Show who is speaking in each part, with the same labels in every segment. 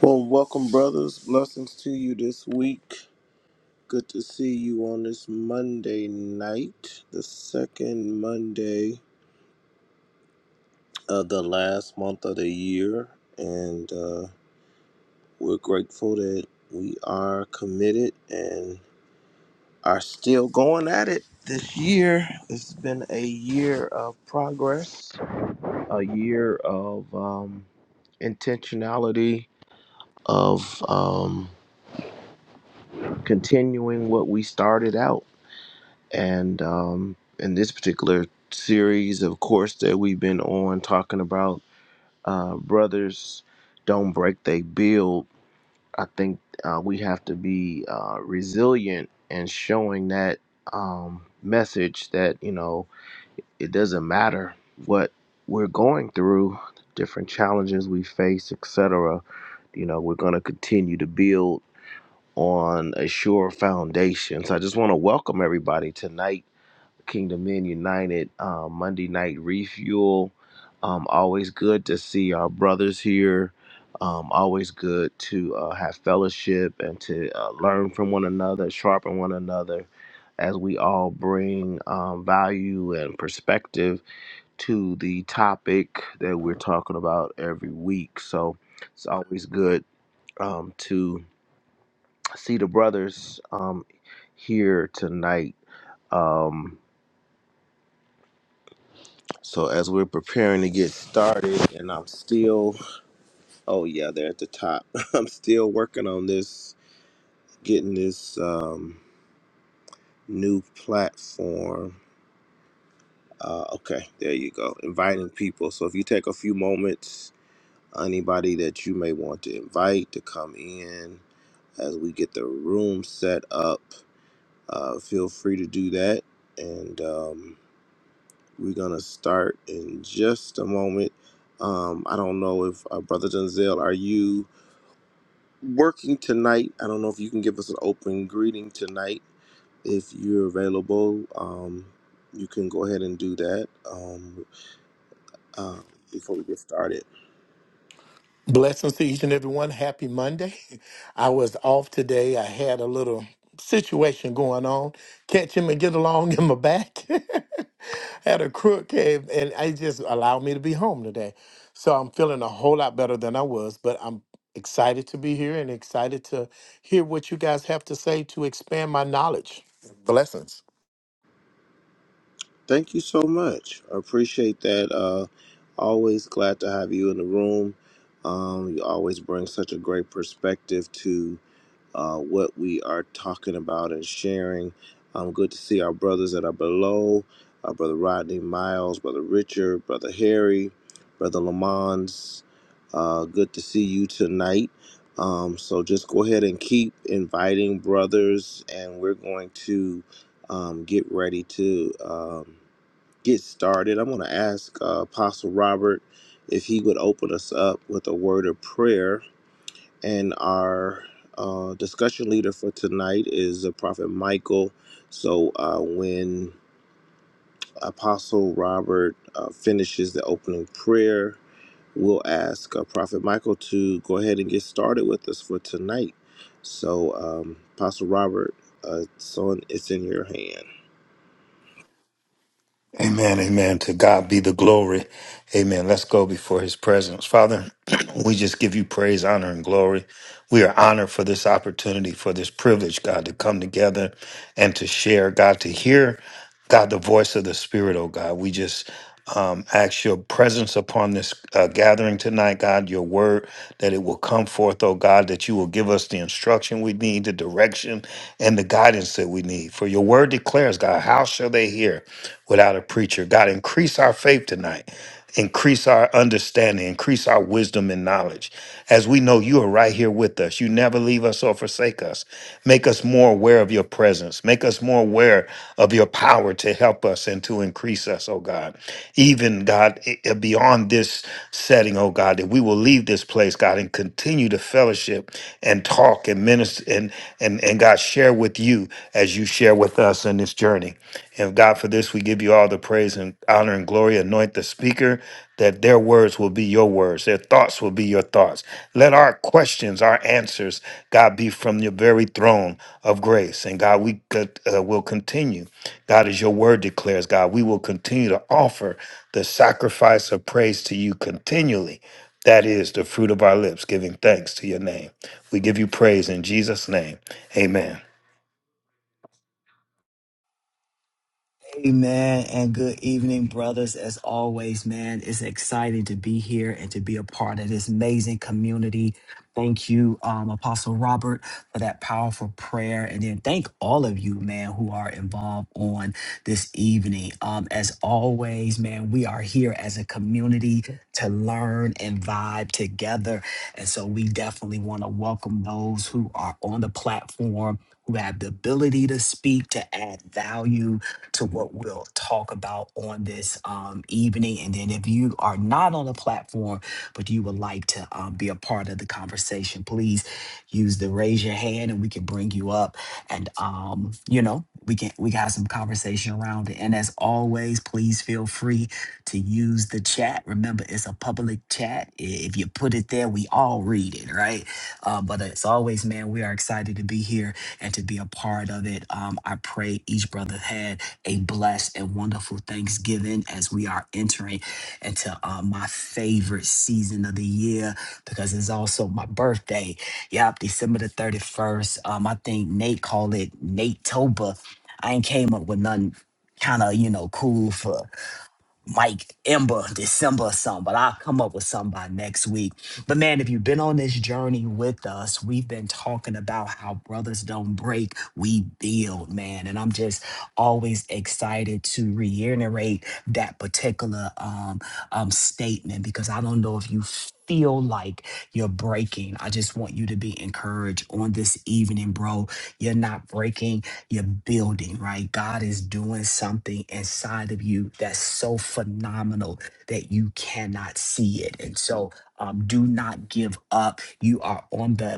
Speaker 1: Well, welcome, brothers. Blessings to you this week. Good to see you on this Monday night, the second Monday of the last month of the year. And uh, we're grateful that we are committed and are still going at it this year. It's been a year of progress, a year of um, intentionality, of um, continuing what we started out and um, in this particular series, of course, that we've been on talking about uh, brothers don't break, they build. I think uh, we have to be uh, resilient and showing that um, message that you know it doesn't matter what we're going through, different challenges we face, etc. You know, we're going to continue to build on a sure foundation. So I just want to welcome everybody tonight Kingdom Men United uh, Monday Night Refuel. Um, always good to see our brothers here. Um, always good to uh, have fellowship and to uh, learn from one another, sharpen one another as we all bring um, value and perspective to the topic that we're talking about every week. So it's always good um, to see the brothers um, here tonight. Um, So as we're preparing to get started, and I'm still, oh yeah, they're at the top. I'm still working on this, getting this um, new platform. Uh, okay, there you go. Inviting people. So if you take a few moments, anybody that you may want to invite to come in as we get the room set up, uh, feel free to do that. And um, We're going to start in just a moment. Um, I don't know if uh, Brother Denzel, are you working tonight? I don't know if you can give us an open greeting tonight. If you're available, um, you can go ahead and do that um, uh, before we get started.
Speaker 2: Blessings to each and everyone. Happy Monday. I was off today. I had a little situation going on. Catch him and get along in my back. had a crook cave and it just allowed me to be home today. So I'm feeling a whole lot better than I was, but I'm excited to be here and excited to hear what you guys have to say to expand my knowledge. Blessings.
Speaker 1: Thank you so much. I appreciate that. Uh, always glad to have you in the room. Um, you always bring such a great perspective to. uh, what we are talking about and sharing. Um, good to see our brothers that are below, our brother Rodney Miles, brother Richard, brother Harry, brother Lamons. Uh, good to see you tonight. Um, so just go ahead and keep inviting brothers, and we're going to um, get ready to um, get started. I'm going to ask uh, Apostle Robert if he would open us up with a word of prayer and our uh, discussion leader for tonight is the prophet michael so uh, when apostle robert uh, finishes the opening prayer we'll ask uh, Prophet Michael to go ahead and get started with us for tonight. So, um, Apostle Robert, uh, it's, on, it's in your hand.
Speaker 3: Amen, amen. To God be the glory. Amen. Let's go before his presence. Father, we just give you praise, honor, and glory. We are honored for this opportunity, for this privilege, God, to come together and to share, God, to hear, God, the voice of the Spirit, oh God. We just um, ask your presence upon this uh, gathering tonight, God, your word, that it will come forth, oh God, that you will give us the instruction we need, the direction, and the guidance that we need. For your word declares, God, how shall they hear? without a preacher. God, increase our faith tonight. Increase our understanding, increase our wisdom and knowledge. As we know you are right here with us. You never leave us or forsake us. Make us more aware of your presence. Make us more aware of your power to help us and to increase us, oh God. Even, God, i- i- beyond this setting, oh God, that we will leave this place, God, and continue to fellowship and talk and minister and, and, and God, share with you as you share with us in this journey. And God, for this, we give you all the praise and honor and glory. Anoint the speaker that their words will be your words, their thoughts will be your thoughts. Let our questions, our answers, God, be from your very throne of grace. And God, we could, uh, will continue. God, as your word declares, God, we will continue to offer the sacrifice of praise to you continually. That is the fruit of our lips, giving thanks to your name. We give you praise in Jesus' name. Amen.
Speaker 4: Amen and good evening, brothers. As always, man, it's exciting to be here and to be a part of this amazing community. Thank you, um, Apostle Robert, for that powerful prayer. And then thank all of you, man, who are involved on this evening. Um, as always, man, we are here as a community to learn and vibe together. And so we definitely want to welcome those who are on the platform. Who have the ability to speak, to add value, to what we'll talk about on this um, evening. And then if you are not on the platform, but you would like to um, be a part of the conversation, please use the raise your hand and we can bring you up. And, um, you know, we can we got some conversation around it. And as always, please feel free to use the chat. Remember, it's a public chat. I- If you put it there, we all read it, right? Uh, but as always, man, we are excited to be here and to be a part of it. Um, I pray each brother had a blessed and wonderful Thanksgiving as we are entering into uh, my favorite season of the year because it's also my birthday. Yep, December the 31st. Um, I think Nate called it Nate Toba. I ain't came up with nothing kind of, you know, cool for Mike, Ember, December or something, but I'll come up with something by next week. But man, if you've been on this journey with us, we've been talking about how brothers don't break, we build, man. And I'm just always excited to reiterate that particular um, um, statement because I don't know if you feel like you're breaking. I just want you to be encouraged on this evening, bro. You're not breaking you're building, right? God is doing something inside of you that's so phenomenal that you cannot see it. And so um, do not give up. You are on the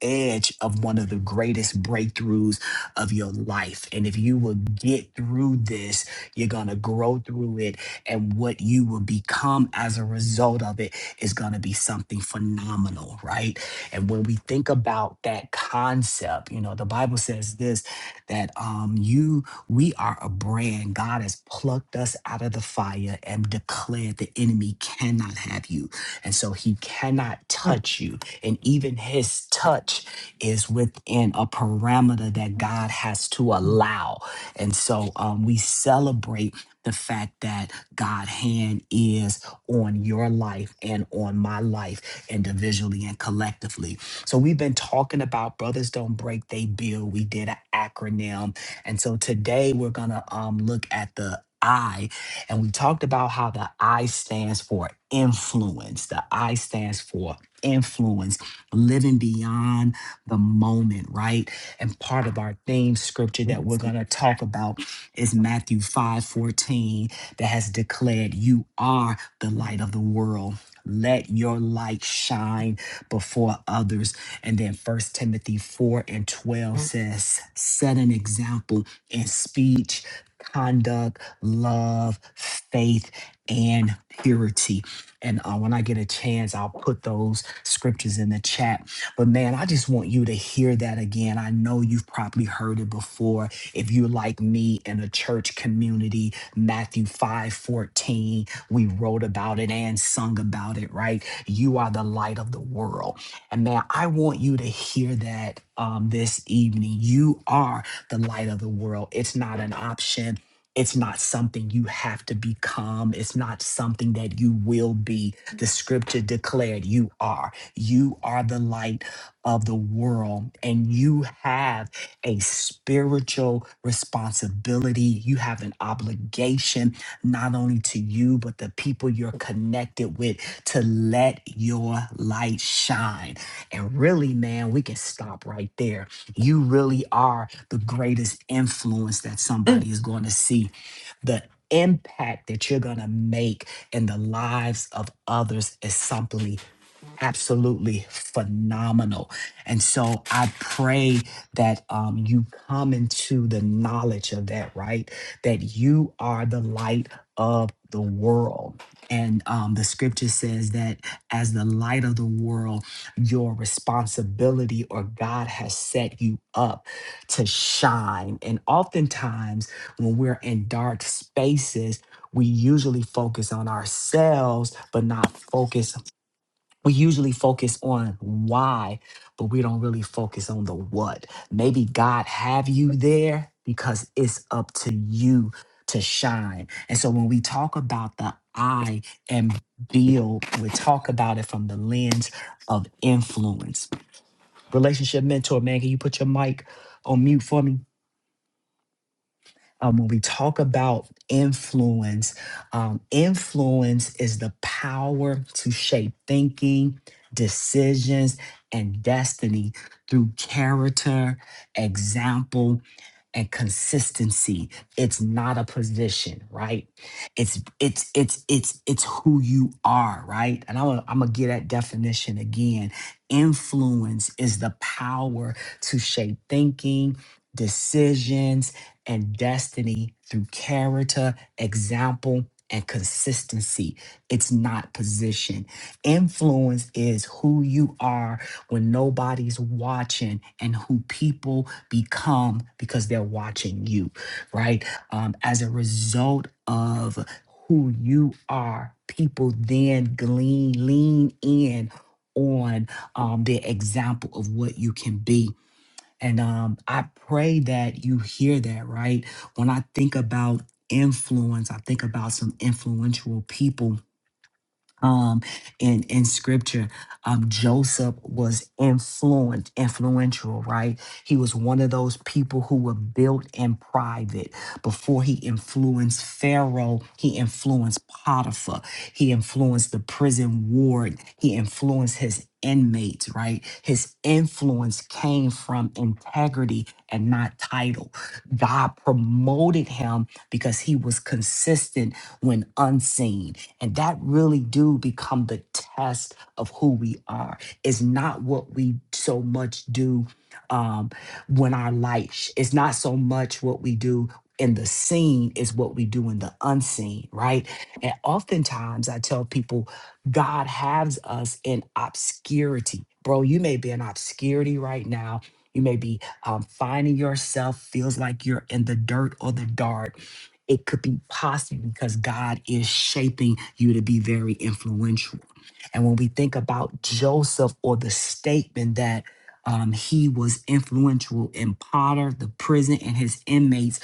Speaker 4: edge of one of the greatest breakthroughs of your life. And if you will get through this, you're going to grow through it. And what you will become as a result of it is going to be something phenomenal, right? And when we think about that concept, you know, the Bible says this that um, you, we are a brand. God has plucked us out of the fire and declared the enemy cannot have you. And so he cannot touch you and even his touch is within a parameter that God has to allow. And so um, we celebrate the fact that God hand is on your life and on my life individually and collectively. So we've been talking about brothers don't break, they build. We did an acronym. And so today we're gonna um look at the I, and we talked about how the I stands for influence. The I stands for influence, living beyond the moment, right? And part of our theme scripture that we're going to talk about is Matthew 5 14 that has declared, You are the light of the world. Let your light shine before others. And then First Timothy 4 and 12 says, Set an example in speech, conduct, love, faith, and purity. And uh, when I get a chance, I'll put those scriptures in the chat. But man, I just want you to hear that again. I know you've probably heard it before. If you're like me in a church community, Matthew 5 14, we wrote about it and sung about it, right? You are the light of the world. And man, I want you to hear that um, this evening. You are the light of the world. It's not an option, it's not something you have to become. It's not something that you will be. The scripture declared you are. You are the light of the world, and you have a spiritual responsibility. You have an obligation, not only to you, but the people you're connected with, to let your light shine. And really, man, we can stop right there you really are the greatest influence that somebody is going to see. The impact that you're going to make in the lives of others is something absolutely phenomenal. And so I pray that um, you come into the knowledge of that, right? That you are the light of the world. And um, the scripture says that as the light of the world, your responsibility or God has set you up to shine. And oftentimes, when we're in dark spaces, we usually focus on ourselves, but not focus we usually focus on why, but we don't really focus on the what. Maybe God have you there because it's up to you to shine. And so when we talk about the I and build, we talk about it from the lens of influence. Relationship mentor, man, can you put your mic on mute for me? Um, when we talk about influence, um, influence is the power to shape thinking, decisions, and destiny through character, example, and consistency. It's not a position, right? It's it's it's it's it's who you are, right? And I'm gonna, I'm gonna get that definition again. Influence is the power to shape thinking, decisions, and destiny through character, example, and consistency. It's not position. Influence is who you are when nobody's watching and who people become because they're watching you, right? Um, as a result of who you are, people then glean, lean in on um, their example of what you can be and um, I pray that you hear that, right? When I think about influence, I think about some influential people um, in in scripture um, joseph was influent influential right he was one of those people who were built in private before he influenced pharaoh he influenced potiphar he influenced the prison ward he influenced his inmates right his influence came from integrity and not title god promoted him because he was consistent when unseen and that really do become the test of who we are. It's not what we so much do um, when our light, sh- it's not so much what we do in the seen, Is what we do in the unseen, right? And oftentimes I tell people, God has us in obscurity. Bro, you may be in obscurity right now. You may be um, finding yourself feels like you're in the dirt or the dark it could be possible because God is shaping you to be very influential. And when we think about Joseph or the statement that um, he was influential in Potter, the prison, and his inmates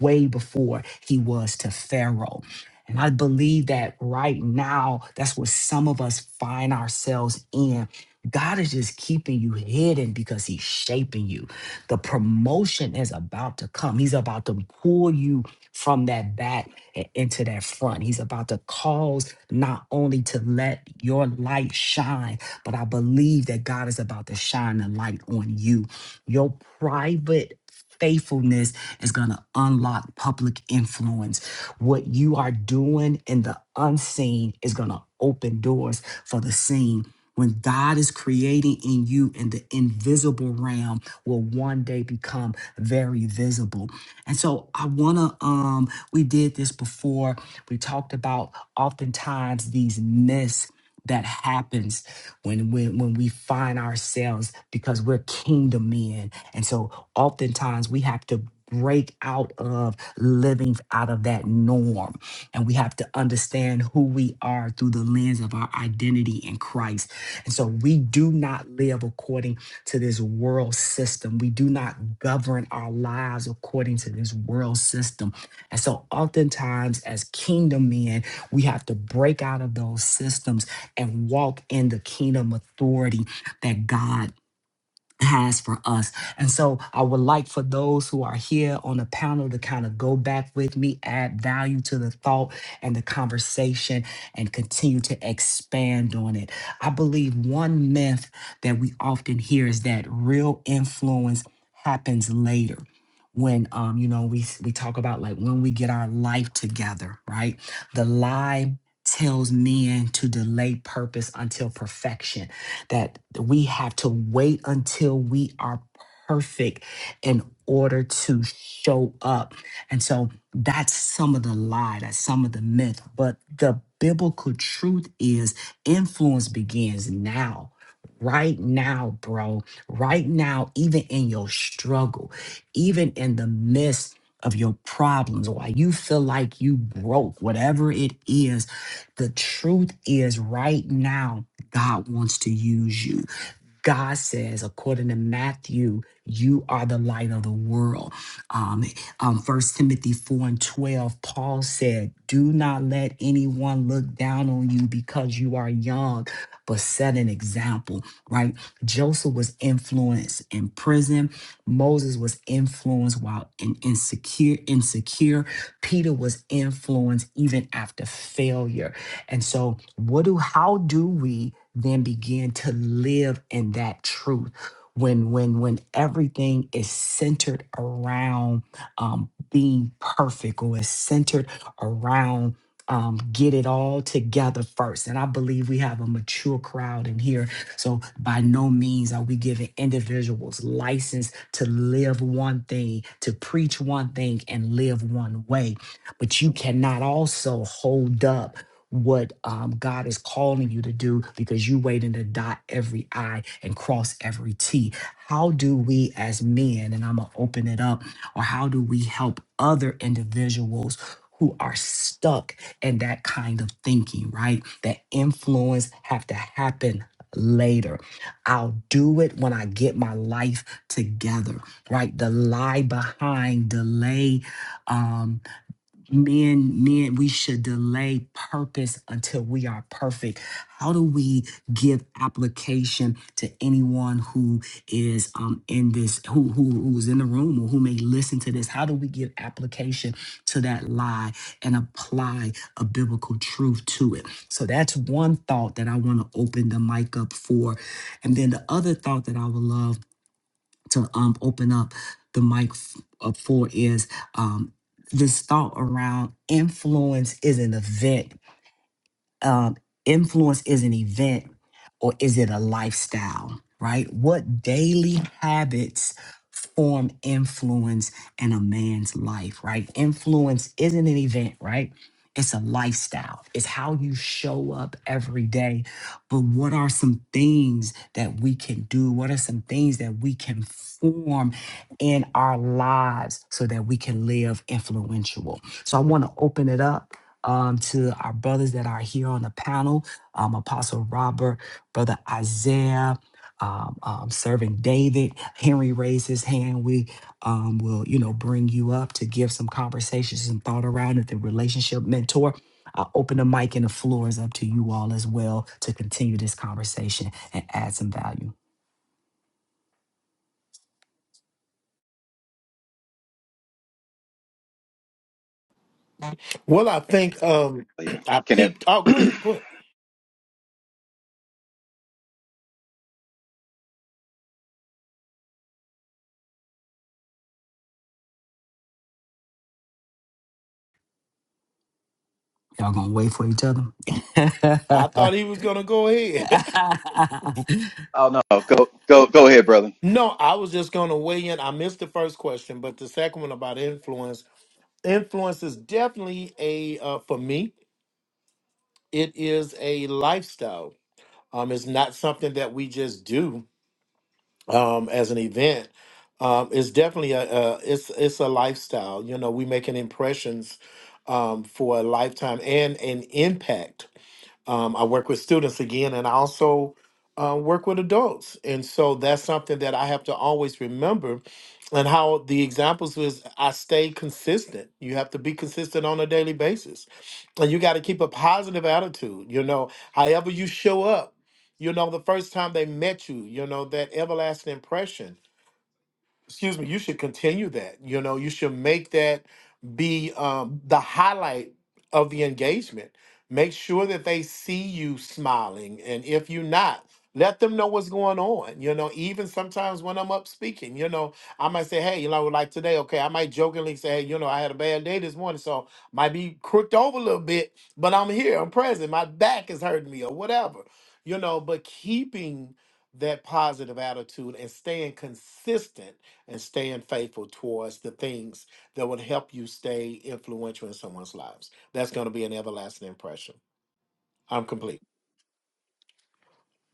Speaker 4: way before he was to Pharaoh. And I believe that right now, that's what some of us find ourselves in. God is just keeping you hidden because he's shaping you. The promotion is about to come. He's about to pull you from that back and into that front. He's about to cause not only to let your light shine, but I believe that God is about to shine the light on you. Your private faithfulness is going to unlock public influence. What you are doing in the unseen is going to open doors for the seen. When God is creating in you in the invisible realm, will one day become very visible. And so I wanna um we did this before. We talked about oftentimes these myths that happens when when when we find ourselves because we're kingdom men. And so oftentimes we have to break out of living out of that norm and we have to understand who we are through the lens of our identity in Christ. And so we do not live according to this world system. We do not govern our lives according to this world system. And so, oftentimes, as kingdom men, we have to break out of those systems and walk in the kingdom authority that God has for us. And so I would like for those who are here on the panel to kind of go back with me, add value to the thought and the conversation, and continue to expand on it. I believe one myth that we often hear is that real influence happens later. When um, you know, we we talk about like when we get our life together, right? The lie tells men to delay purpose until perfection that we have to wait until we are perfect in order to show up. And so that's some of the lie, that's some of the myth. But the biblical truth is influence begins now. Right now, bro, right now, even in your struggle, even in the midst of your problems, why you feel like you broke, whatever it is, the truth is right now God wants to use you. God says, according to Matthew, you are the light of the world. Um, um, 1 Timothy 4 and 12, Paul said, Do not let anyone look down on you because you are young, but set an example, right? Joseph was influenced in prison. Moses was influenced while in, insecure, insecure. Peter was influenced even after failure and so, what do how do we then begin to live in that truth? When when when everything is centered around um, being perfect, or is centered around um, get it all together first. And I believe we have a mature crowd in here, so by no means are we giving individuals license to live one thing, to preach one thing, and live one way. But you cannot also hold up what um, God is calling you to do because you waiting to dot every I and cross every T. How do we as men, and I'm gonna open it up, or how do we help other individuals who are stuck in that kind of thinking, right? That influence have to happen later. I'll do it when I get my life together, right? The lie behind delay, um, men men we should delay purpose until we are perfect how do we give application to anyone who is um in this who who who's in the room or who may listen to this how do we give application to that lie and apply a biblical truth to it so that's one thought that i want to open the mic up for and then the other thought that i would love to um, open up the mic f- up for is um, this thought around influence is an event um, influence is an event or is it a lifestyle, right? What daily habits form influence in a man's life, right? Influence isn't an event, right? It's a lifestyle. It's how you show up every day. But what are some things that we can do? What are some things that we can form in our lives so that we can live influential? So I want to open it up um, to our brothers that are here on the panel um, Apostle Robert, Brother Isaiah. Um, um, serving David, Henry raised his hand. We um, will, you know, bring you up to give some conversations and thought around it. The relationship mentor. I'll open the mic and the floor is up to you all as well to continue this conversation and add some value.
Speaker 2: Well, I think um
Speaker 5: But yeah,
Speaker 2: I
Speaker 5: can it?
Speaker 2: peeped. Oh, go ahead. Go ahead.
Speaker 4: Y'all gonna wait for each other?
Speaker 2: I thought he was gonna go ahead.
Speaker 5: Oh no. oh, go go go ahead, brother.
Speaker 2: No, I was just going to weigh in. I missed the first question, but the second one about influence. Influence is definitely a, uh, for me, it is a lifestyle. Um, it's not something that we just do um, as an event. Um, it's definitely a, a it's it's a lifestyle. You know, we making impressions um, for a lifetime and an impact. Um, I work with students again, and I also uh, work with adults. And so that's something that I have to always remember. And how the examples was I stay consistent. You have to be consistent on a daily basis. And you got to keep a positive attitude. You know, however you show up, you know, the first time they met you, you know, that everlasting impression excuse me, you should continue that. You know, you should make that be um, the highlight of the engagement. Make sure that they see you smiling. And if you're not, let them know what's going on. You know, even sometimes when I'm up speaking, you know, I might say, hey, you know, like today, okay, I might jokingly say, hey, you know, I had a bad day this morning, so might be crooked over a little bit, but I'm here, I'm present. My back is hurting me or whatever, you know, but keeping that positive attitude and staying consistent and staying faithful towards the things that would help you stay influential in someone's lives. That's going to be an everlasting impression. I'm complete.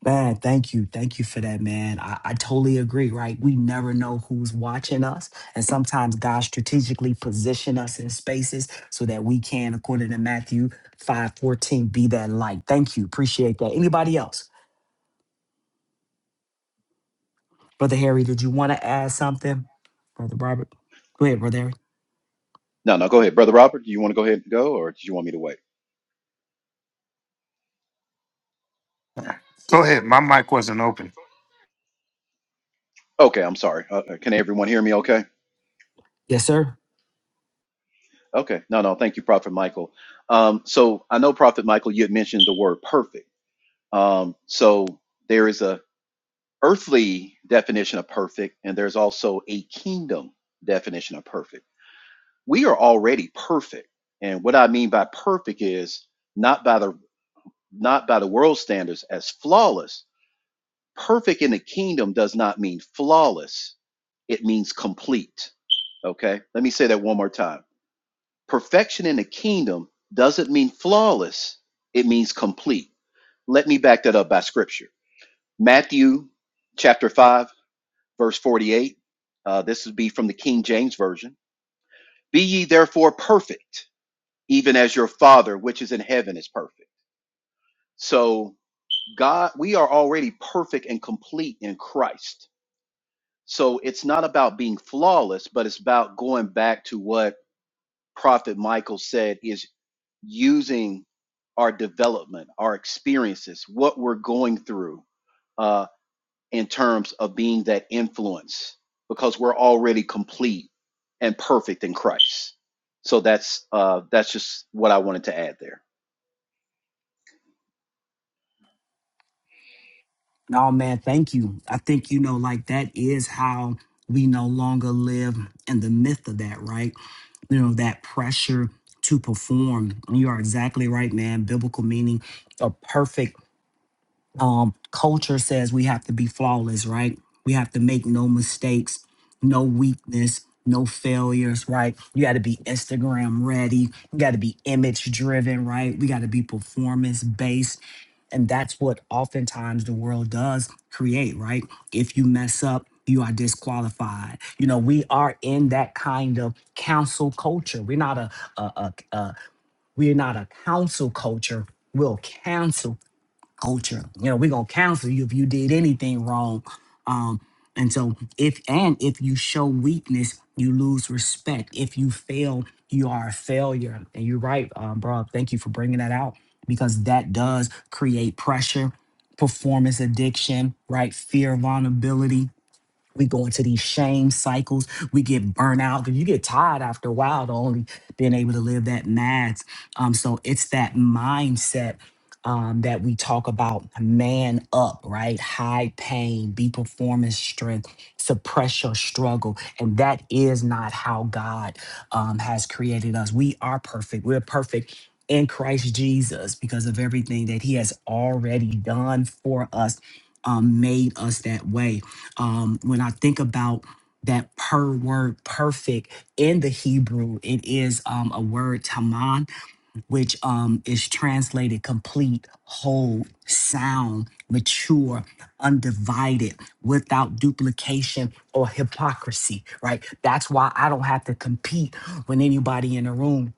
Speaker 4: Man, thank you. Thank you for that, man. I, I totally agree, right? We never know who's watching us. And sometimes God strategically position us in spaces so that we can, according to Matthew 5:14, be that light. Thank you. Appreciate that. Anybody else? Brother Harry, did you want to add something? Brother Robert? Go ahead, Brother Harry.
Speaker 5: No, no, go ahead, brother Robert. Do you want to go ahead and go, or did you want me to wait?
Speaker 3: Go ahead. My mic wasn't open.
Speaker 5: Okay, I'm sorry. Uh, uh, can everyone hear me? Okay.
Speaker 4: Yes, sir.
Speaker 5: Okay. No, no. Thank you, Prophet Michael. Um, so I know Prophet Michael, you had mentioned the word perfect. Um, so there is a earthly definition of perfect, and there's also a kingdom definition of perfect. We are already perfect, and what I mean by perfect is not by the not by the world standards as flawless, perfect in the kingdom does not mean flawless, it means complete. Okay, let me say that one more time. Perfection in the kingdom doesn't mean flawless, it means complete. Let me back that up by scripture. Matthew chapter 5, verse 48. Uh, this would be from the King James Version. Be ye therefore perfect, even as your Father which is in heaven is perfect. So, God, we are already perfect and complete in Christ So it's not about being flawless, but it's about going back to what Prophet Michael said is using our development, our experiences, what we're going through uh, in terms of being that influence, because we're already complete and perfect in Christ. So that's uh, that's just what I wanted to add there.
Speaker 4: No, man, thank you. I think, you know, like that is how we no longer live in the myth of that, right? You know, that pressure to perform. And you are exactly right, man. Biblical meaning, a perfect um, culture says we have to be flawless, right? We have to make no mistakes, no weakness, no failures, right? You got to be Instagram ready. You got to be image driven, right? We got to be performance based. And that's what oftentimes the world does create, right? If you mess up, you are disqualified. You know, we are in that kind of council culture. We're not a, a, a, a we're not a council culture. We're a cancel culture. You know, we're gonna counsel you if you did anything wrong. Um, and so if and if you show weakness, you lose respect. If you fail, you are a failure. And you're right, um, bro. Thank you for bringing that out because that does create pressure, performance addiction, right? Fear, vulnerability we go into these shame cycles. We get burnout because you get tired after a while to only being able to live that max. Um, so it's that mindset um, that we talk about man up, right? Hide pain, be performance strength, suppress your struggle. And that is not how God um, has created us. We are perfect. We're perfect in Christ Jesus because of everything that He has already done for us um, made us that way. Um, when I think about that per word perfect in the Hebrew, it is um, a word taman, which um, is translated complete, whole, sound, mature, undivided, without duplication or hypocrisy, right? That's why I don't have to compete with anybody in the room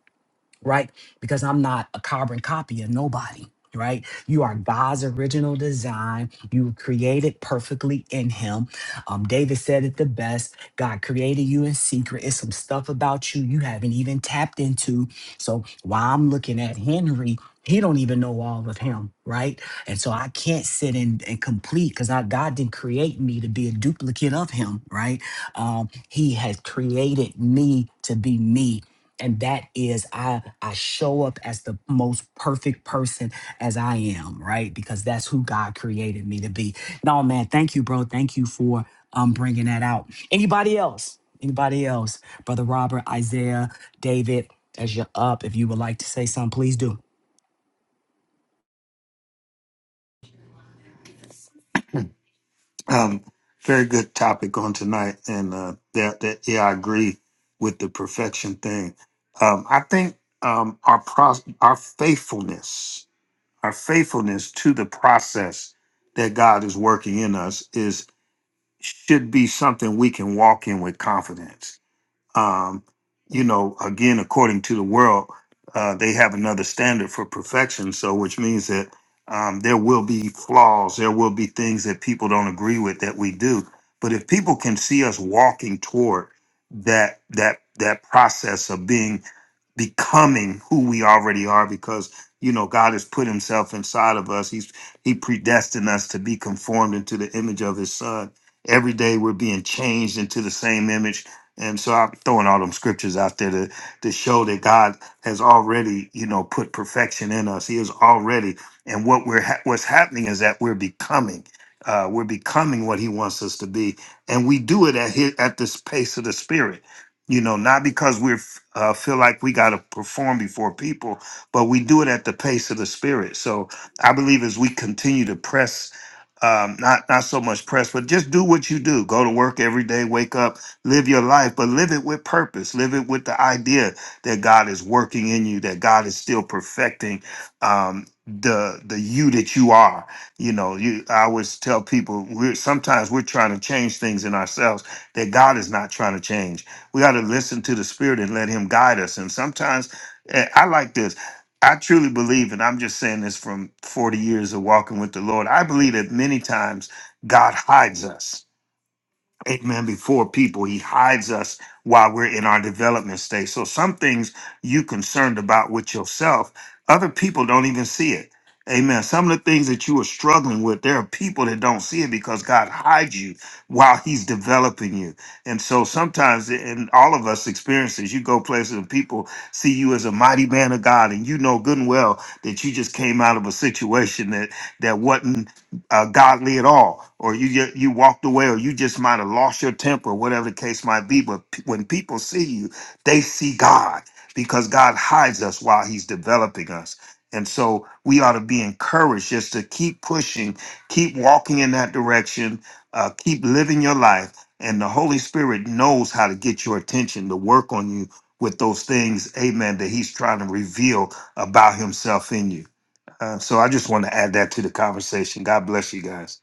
Speaker 4: right? Because I'm not a carbon copy of nobody, right? You are God's original design. You were created perfectly in Him. Um, David said it the best God created you in secret. It's some stuff about you you haven't even tapped into. So while I'm looking at Henry, he don't even know all of him, right? And so I can't sit and, and complete because God didn't create me to be a duplicate of him, right? Um, he has created me to be me and that is i i show up as the most perfect person as i am right because that's who god created me to be no man thank you bro thank you for um bringing that out anybody else anybody else brother robert isaiah david as you're up if you would like to say something please do
Speaker 3: Um, very good topic on tonight, and uh, that, that yeah, I agree with the perfection thing. Um, I think um, our pro- our faithfulness, our faithfulness to the process that God is working in us is should be something we can walk in with confidence um, you know, again, according to the world, uh, they have another standard for perfection. So, which means that um, there will be flaws, there will be things that people don't agree with that we do. But if people can see us walking toward that that that process of being becoming who we already are because you know God has put himself inside of us. He's he predestined us to be conformed into the image of his son. Every day we're being changed into the same image. And so I'm throwing all them scriptures out there to, to show that God has already, you know, put perfection in us. He is already, and what we're ha- what's happening is that we're becoming, uh, we're becoming what He wants us to be, and we do it at his, at this pace of the Spirit you know not because we uh, feel like we got to perform before people but we do it at the pace of the spirit so i believe as we continue to press um, not not so much press but just do what you do go to work every day wake up live your life but live it with purpose live it with the idea that god is working in you that god is still perfecting um, the the you that you are you know you i always tell people we're sometimes we're trying to change things in ourselves that god is not trying to change we ought to listen to the Spirit and let Him guide us. And sometimes eh, I like this. I truly believe, and I'm just saying this from 40 years of walking with the Lord. I believe that many times God hides us Amen. Before people, he hides us while we're in our development stage. So some things you concerned about with yourself, other people don't even see it. Amen. Some of the things that you are struggling with, there are people that don't see it because God hides you while He's developing you. And so sometimes, and all of us experiences, you go places and people see you as a mighty man of God, and you know good and well that you just came out of a situation that that wasn't uh, godly at all, or you ju- you walked away, or you just might have lost your temper, whatever the case might be. But p- when people see you, they see God because God hides us while He's developing us. And so we ought to be encouraged just to keep pushing, keep walking in that direction, uh, keep living your life. And the Holy Spirit knows how to get your attention to work on you with those things, amen, that He's trying to reveal about Himself in you. Uh, so I just want to add that to the conversation. God bless you guys.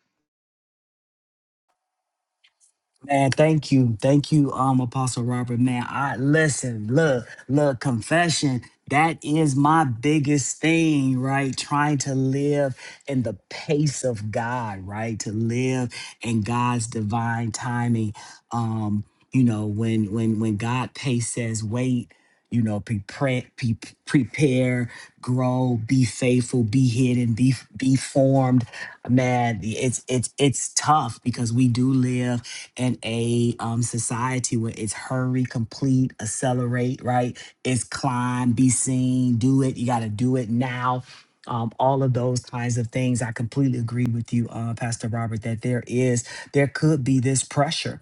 Speaker 4: Man, thank you. Thank you, um, Apostle Robert. Man, I listen, look, look, confession. That is my biggest thing, right? Trying to live in the pace of God, right? To live in God's divine timing. Um, you know, when when when God pace says wait, you know, prepare, pre- be prepare, grow, be faithful, be hidden, be be formed. Man, it's it's it's tough because we do live in a um, society where it's hurry, complete, accelerate, right? It's climb, be seen, do it. You got to do it now. Um, all of those kinds of things. I completely agree with you, uh, Pastor Robert, that there is, there could be this pressure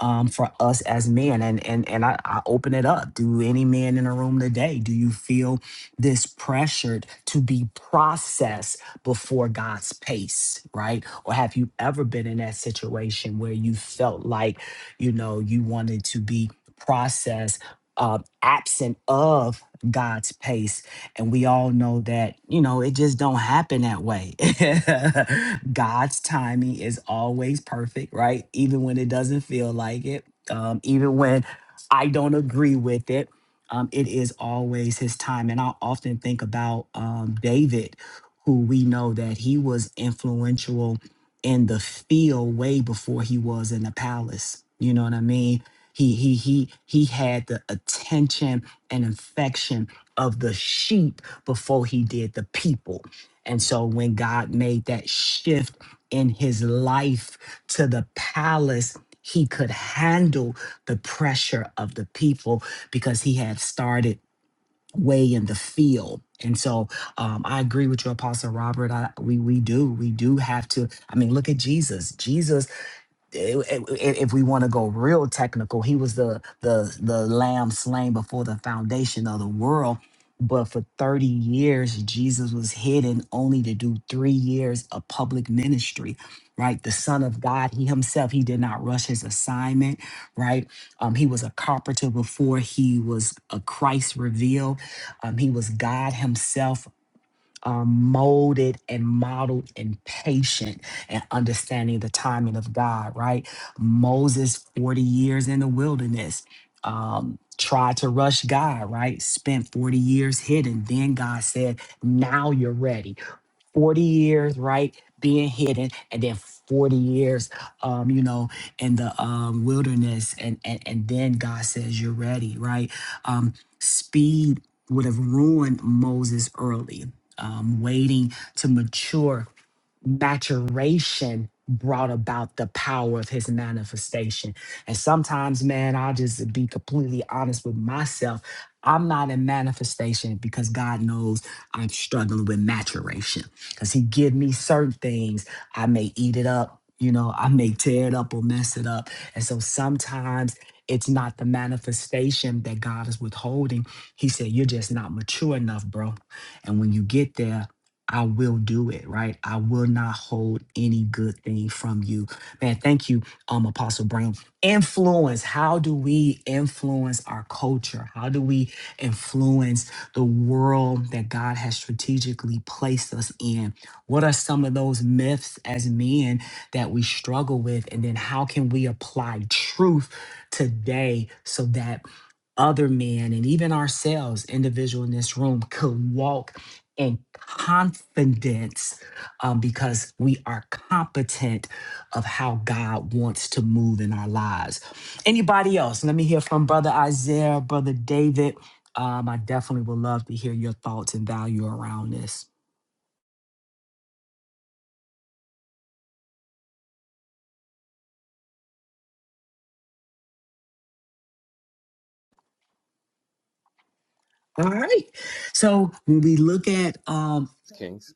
Speaker 4: um, for us as men. And and and I, I open it up. Do any man in a room today? Do you feel this pressured to be processed before God's pace, right? Or have you ever been in that situation where you felt like, you know, you wanted to be processed uh, absent of God's pace? and we all know that you know it just don't happen that way god's timing is always perfect right even when it doesn't feel like it um, even when i don't agree with it um, it is always his time and i often think about um, david who we know that he was influential in the field way before he was in the palace you know what i mean he he he he had the attention and affection of the sheep before he did the people. And so when God made that shift in his life to the palace, he could handle the pressure of the people because he had started way in the field. And so um, I agree with you, Apostle Robert. I, we we do we do have to. I mean, look at Jesus. Jesus i- i- if we want to go real technical, he was the the the lamb slain before the foundation of the world. But for 30 years, Jesus was hidden only to do three years of public ministry, right? The Son of God, he himself, he did not rush his assignment, right? Um, he was a carpenter before he was a Christ revealed. Um, he was God himself um, molded and modeled and patient and understanding the timing of God, right? Moses, 40 years in the wilderness, um, tried to rush God, right? Spent 40 years hidden. Then God said, Now you're ready 40 years, right, being hidden, and then 40 years, um, you know, in the um, wilderness, and, and and then God says you're ready, right? Um, speed would have ruined Moses early. Um, waiting to mature maturation brought about the power of his manifestation. And sometimes, man, I'll just be completely honest with myself. I'm not in manifestation because God knows I'm struggling with maturation. Because he give me certain things, I may eat it up, you know, I may tear it up or mess it up. And so sometimes it's not the manifestation that God is withholding. He said, You're just not mature enough, bro. And when you get there, I will do it, right? I will not hold any good thing from you. Man, thank you, um, Apostle Brown. Influence. How do we influence our culture? How do we influence the world that God has strategically placed us in? What are some of those myths as men that we struggle with? And then how can we apply truth today so that other men and even ourselves, individual in this room, could walk and confidence um, because we are competent of how God wants to move in our lives. Anybody else? Let me hear from Brother Isaiah, Brother David. Um, I definitely would love to hear your thoughts and value around this. All right. So when we look at um,
Speaker 6: Kings.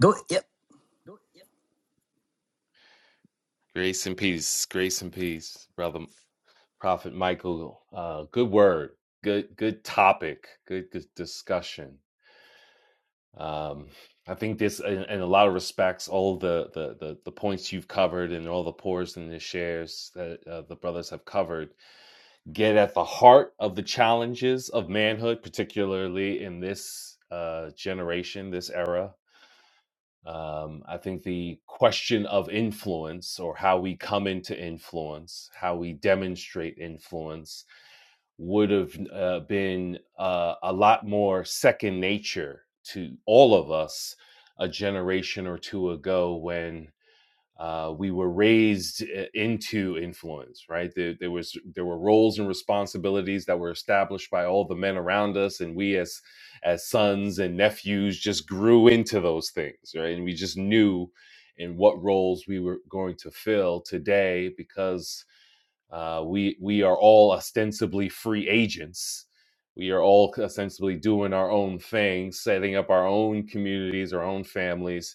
Speaker 4: go. Yep.
Speaker 6: Grace and peace. Grace and peace, brother Prophet Michael. Uh, good word. Good good topic. Good, good discussion. Um, I think this in, in a lot of respects, all the, the the the points you've covered and all the pours and the shares that uh, the brothers have covered get at the heart of the challenges of manhood, particularly in this uh, generation, this era. Um, I think the question of influence or how we come into influence, how we demonstrate influence, would have uh, been uh, a lot more second nature to all of us a generation or two ago when uh, we were raised eh, into influence right there, there was there were roles and responsibilities that were established by all the men around us and we as as sons and nephews just grew into those things right and we just knew in what roles we were going to fill today because uh, we we are all ostensibly free agents we are all ostensibly doing our own thing setting up our own communities our own families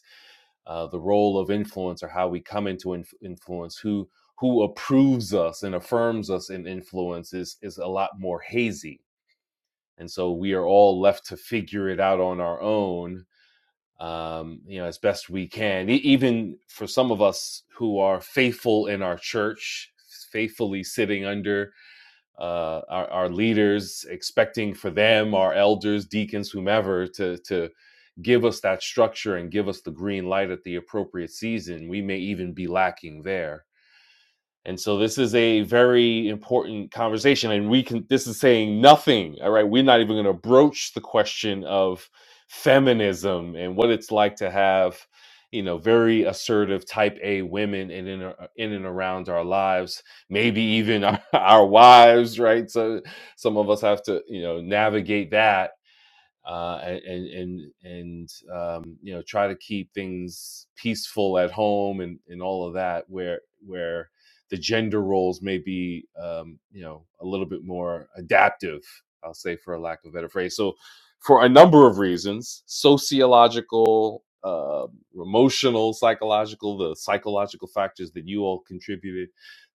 Speaker 6: uh, the role of influence or how we come into inf- influence, who who approves us and affirms us in influence is is a lot more hazy, and so we are all left to figure it out on our own, um, you know, as best we can. E- even for some of us who are faithful in our church, faithfully sitting under uh, our, our leaders, expecting for them, our elders, deacons, whomever, to to give us that structure and give us the green light at the appropriate season. We may even be lacking there and so this is a very important conversation. And we can, this is saying nothing. All right. We're not even going to broach the question of feminism and what it's like to have, you know, very assertive type A women in, in, in and around our lives, maybe even our, our wives, right? So some of us have to, you know, navigate that uh, and and and um, you know try to keep things peaceful at home and and all of that where where the gender roles may be um, you know a little bit more adaptive i'll say for a lack of a better phrase so for a number of reasons sociological uh, emotional psychological the psychological factors that you all contributed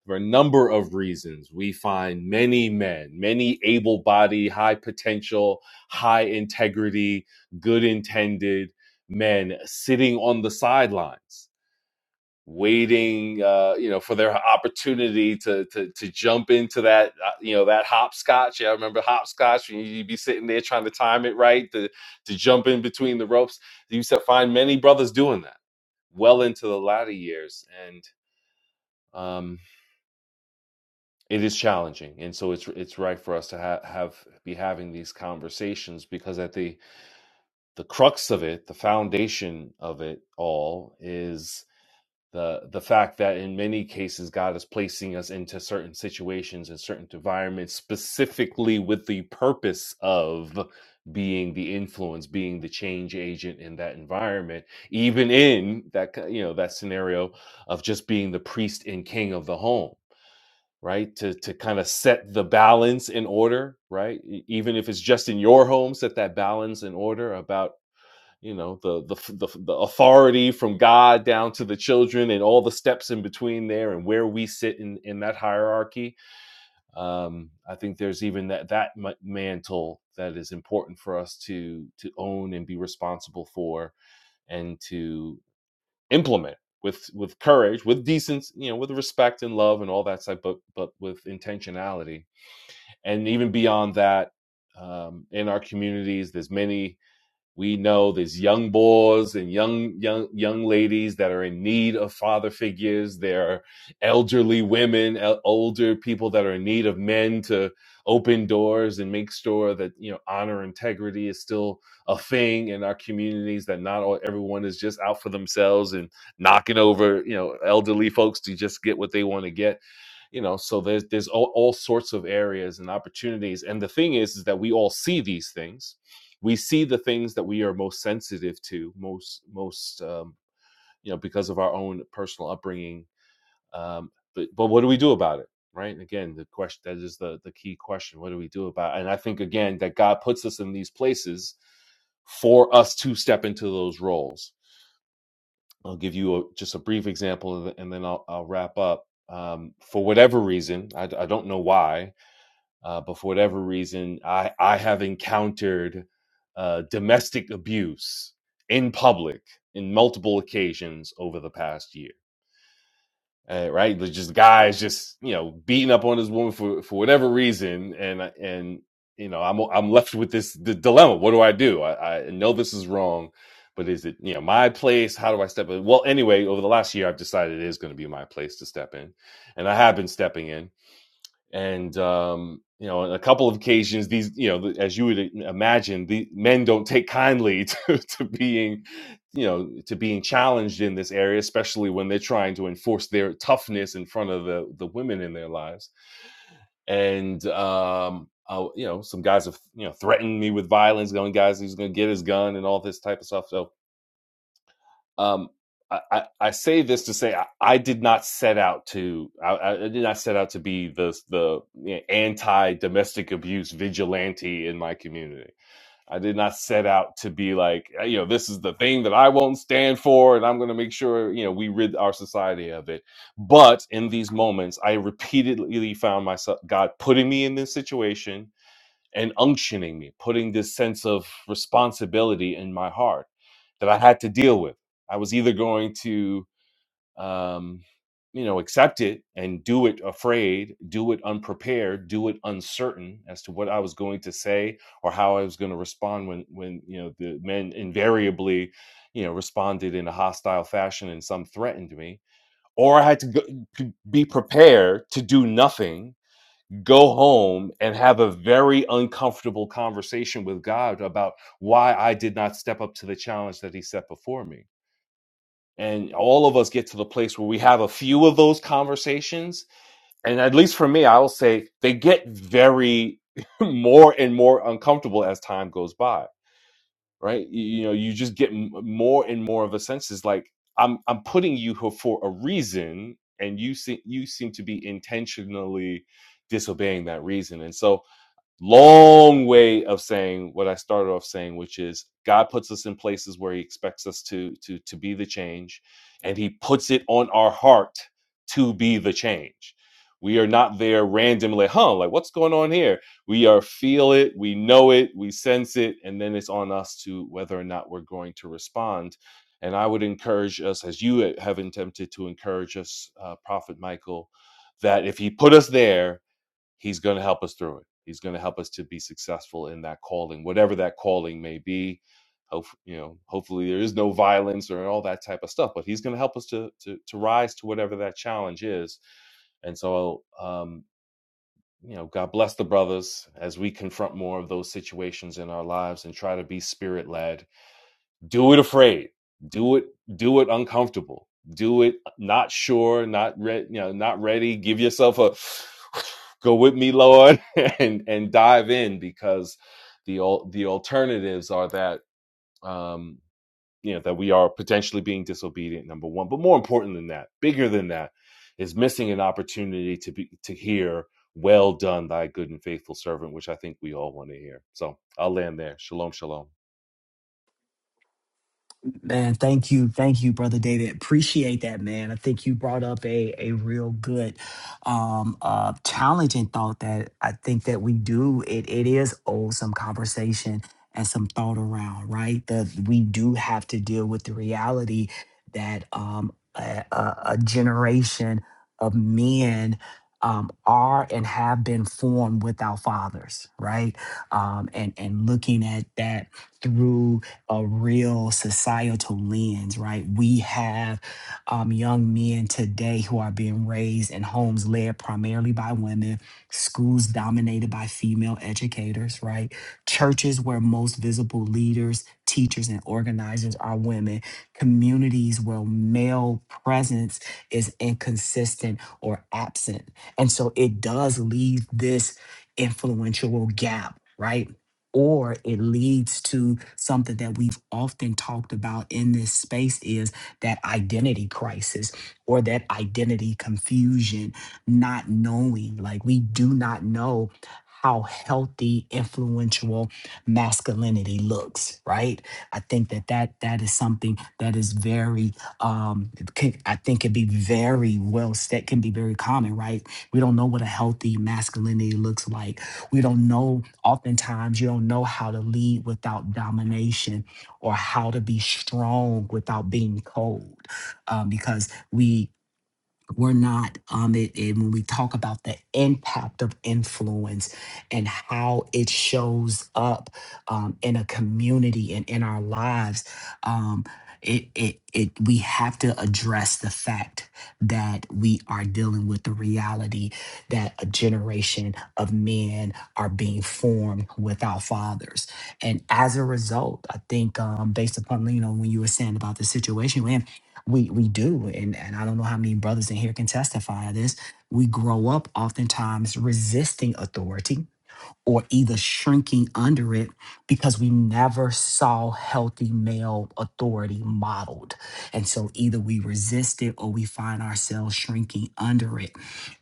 Speaker 6: for a number of reasons we find many men many able-bodied high potential high integrity, good intended men sitting on the sidelines, waiting, uh, you know, for their opportunity to to to jump into that, uh, you know, that hopscotch. Yeah, I remember hopscotch when you'd be sitting there trying to time it right to to jump in between the ropes. You used to find many brothers doing that well into the latter years, and um, it is challenging. And so it's it's right for us to ha- have be having these conversations because at the the crux of it, the foundation of it all is the the fact that in many cases God is placing us into certain situations and certain environments specifically with the purpose of being the influence, being the change agent in that environment, even in that you know that scenario of just being the priest and king of the home right to to kind of set the balance in order right E- even if it's just in your home set that balance in order about you know the, the the the authority from God down to the children and all the steps in between there and where we sit in in that hierarchy. Um, I think there's even that that mantle that is important for us to to own and be responsible for and to implement with with courage, with decency, you know, with respect and love and all that stuff, but but with intentionality and even beyond that. Um, in our communities, there's many we know there's young boys and young young young ladies that are in need of father figures. There are elderly women, el- older people that are in need of men to open doors and make sure that you know honor integrity is still a thing in our communities. That not all, everyone is just out for themselves and knocking over you know elderly folks to just get what they want to get you know so there's there's all, all sorts of areas and opportunities and the thing is is that we all see these things we see the things that we are most sensitive to most most um, you know because of our own personal upbringing um, but but what do we do about it right and again the question that is the the key question what do we do about it? and i think again that god puts us in these places for us to step into those roles I'll give you a, just a brief example and then I'll, I'll wrap up. Um, for whatever reason, I d- I don't know why, uh, but for whatever reason, I, I have encountered uh, domestic abuse in public in multiple occasions over the past year uh, right? Like, just guys just you know beating up on this woman for for whatever reason, and and you know I'm I'm left with this the dilemma. What do I do? I, I know this is wrong, but is it you know my place? How do I step in? Well, anyway, over the last year, I've decided it is going to be my place to step in, and I have been stepping in and um, you know, on a couple of occasions, these you know, as you would imagine, the men don't take kindly to, to being, you know, to being challenged in this area, especially when they're trying to enforce their toughness in front of the the women in their lives. And um, I, you know, some guys have you know threatened me with violence, going, guys, he's going to get his gun and all this type of stuff. So um, I, I, I say this to say I, I did not set out to I, I did not set out to be the the you know, anti domestic abuse vigilante in my community. I did not set out to be like "Uh, you know this is the thing that I won't stand for, and I'm going to make sure you know we rid our society of it. But in these moments, I repeatedly found myself God putting me in this situation and unctioning me, putting this sense of responsibility in my heart that I had to deal with. I was either going to, um, you know, accept it and do it afraid, do it unprepared, do it uncertain as to what I was going to say or how I was going to respond when, when you know, the men invariably, you know, responded in a hostile fashion and some threatened me, or I had to go, to be prepared to do nothing go home and have a very uncomfortable conversation with God about why I did not step up to the challenge that He set before me. And all of us get to the place where we have a few of those conversations. And at least for me, I will say they get very more and more uncomfortable as time goes by, right? You, you know, you just get m- more and more of a sense is like, I'm, I'm putting you here for a reason. And you see, you seem to be intentionally disobeying that reason. And so, long way of saying what I started off saying, which is God puts us in places where He expects us to to to be the change, and He puts it on our heart to be the change. We are not there randomly, huh? Like what's going on here? We are feel it, we know it, we sense it, and then it's on us to whether or not we're going to respond. And I would encourage us, as you have attempted to encourage us, uh, Prophet Michael, that if He put us there, he's going to help us through it he's going to help us to be successful in that calling whatever that calling may be Hope, you know hopefully there is no violence or all that type of stuff but he's going to help us to, to to rise to whatever that challenge is and so um you know god bless the brothers as we confront more of those situations in our lives and try to be spirit led do it afraid do it do it uncomfortable do it not sure not re- you know not ready give yourself a go with me lord and and dive in because the the alternatives are that um you know that we are potentially being disobedient number one but more important than that bigger than that is missing an opportunity to be to hear well done thy good and faithful servant which i think we all want to hear so i'll land there shalom shalom
Speaker 4: Man, thank you. Thank you, brother David. Appreciate that, man. I think you brought up a a real good um uh challenging thought that I think that we do it it is owe some conversation and some thought around, right? That we do have to deal with the reality that um a, a, a generation of men um, are and have been formed without fathers, right? Um, and and looking at that through a real societal lens, right? We have um, young men today who are being raised in homes led primarily by women, schools dominated by female educators, right? Churches where most visible leaders, teachers, and organizers are women, communities where male presence is inconsistent or absent. And so it does leave this influential gap. Right or it leads to something that we've often talked about in this space is that identity crisis or that identity confusion not knowing like we do not know how healthy influential masculinity looks right i think that that that is something that is very um can, i think can be very well said. can be very common right we don't know what a healthy masculinity looks like we don't know, oftentimes, you don't know how to lead without domination or how to be strong without being cold um, because we we're not um it, and when we talk about the impact of influence and how it shows up um, in a community and in our lives um it, it it we have to address the fact that we are dealing with the reality that a generation of men are being formed without fathers and as a result i think um based upon you know when you were saying about the situation we we do and and i don't know how many brothers in here can testify to this we grow up oftentimes resisting authority or either shrinking under it because we never saw healthy male authority modeled. And so either we resist it or we find ourselves shrinking under it.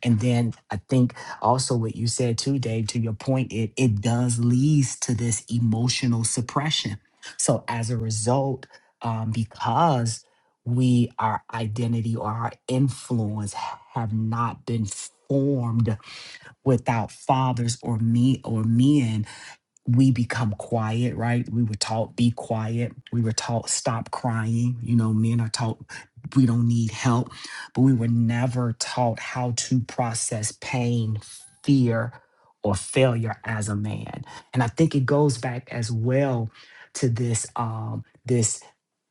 Speaker 4: And then I think also what you said too, Dave, to your point, it it does leads to this emotional suppression. So as a result, um, because we our identity or our influence have not been formed without fathers or me or men we become quiet right we were taught be quiet we were taught stop crying you know men are taught we don't need help but we were never taught how to process pain fear or failure as a man and i think it goes back as well to this um this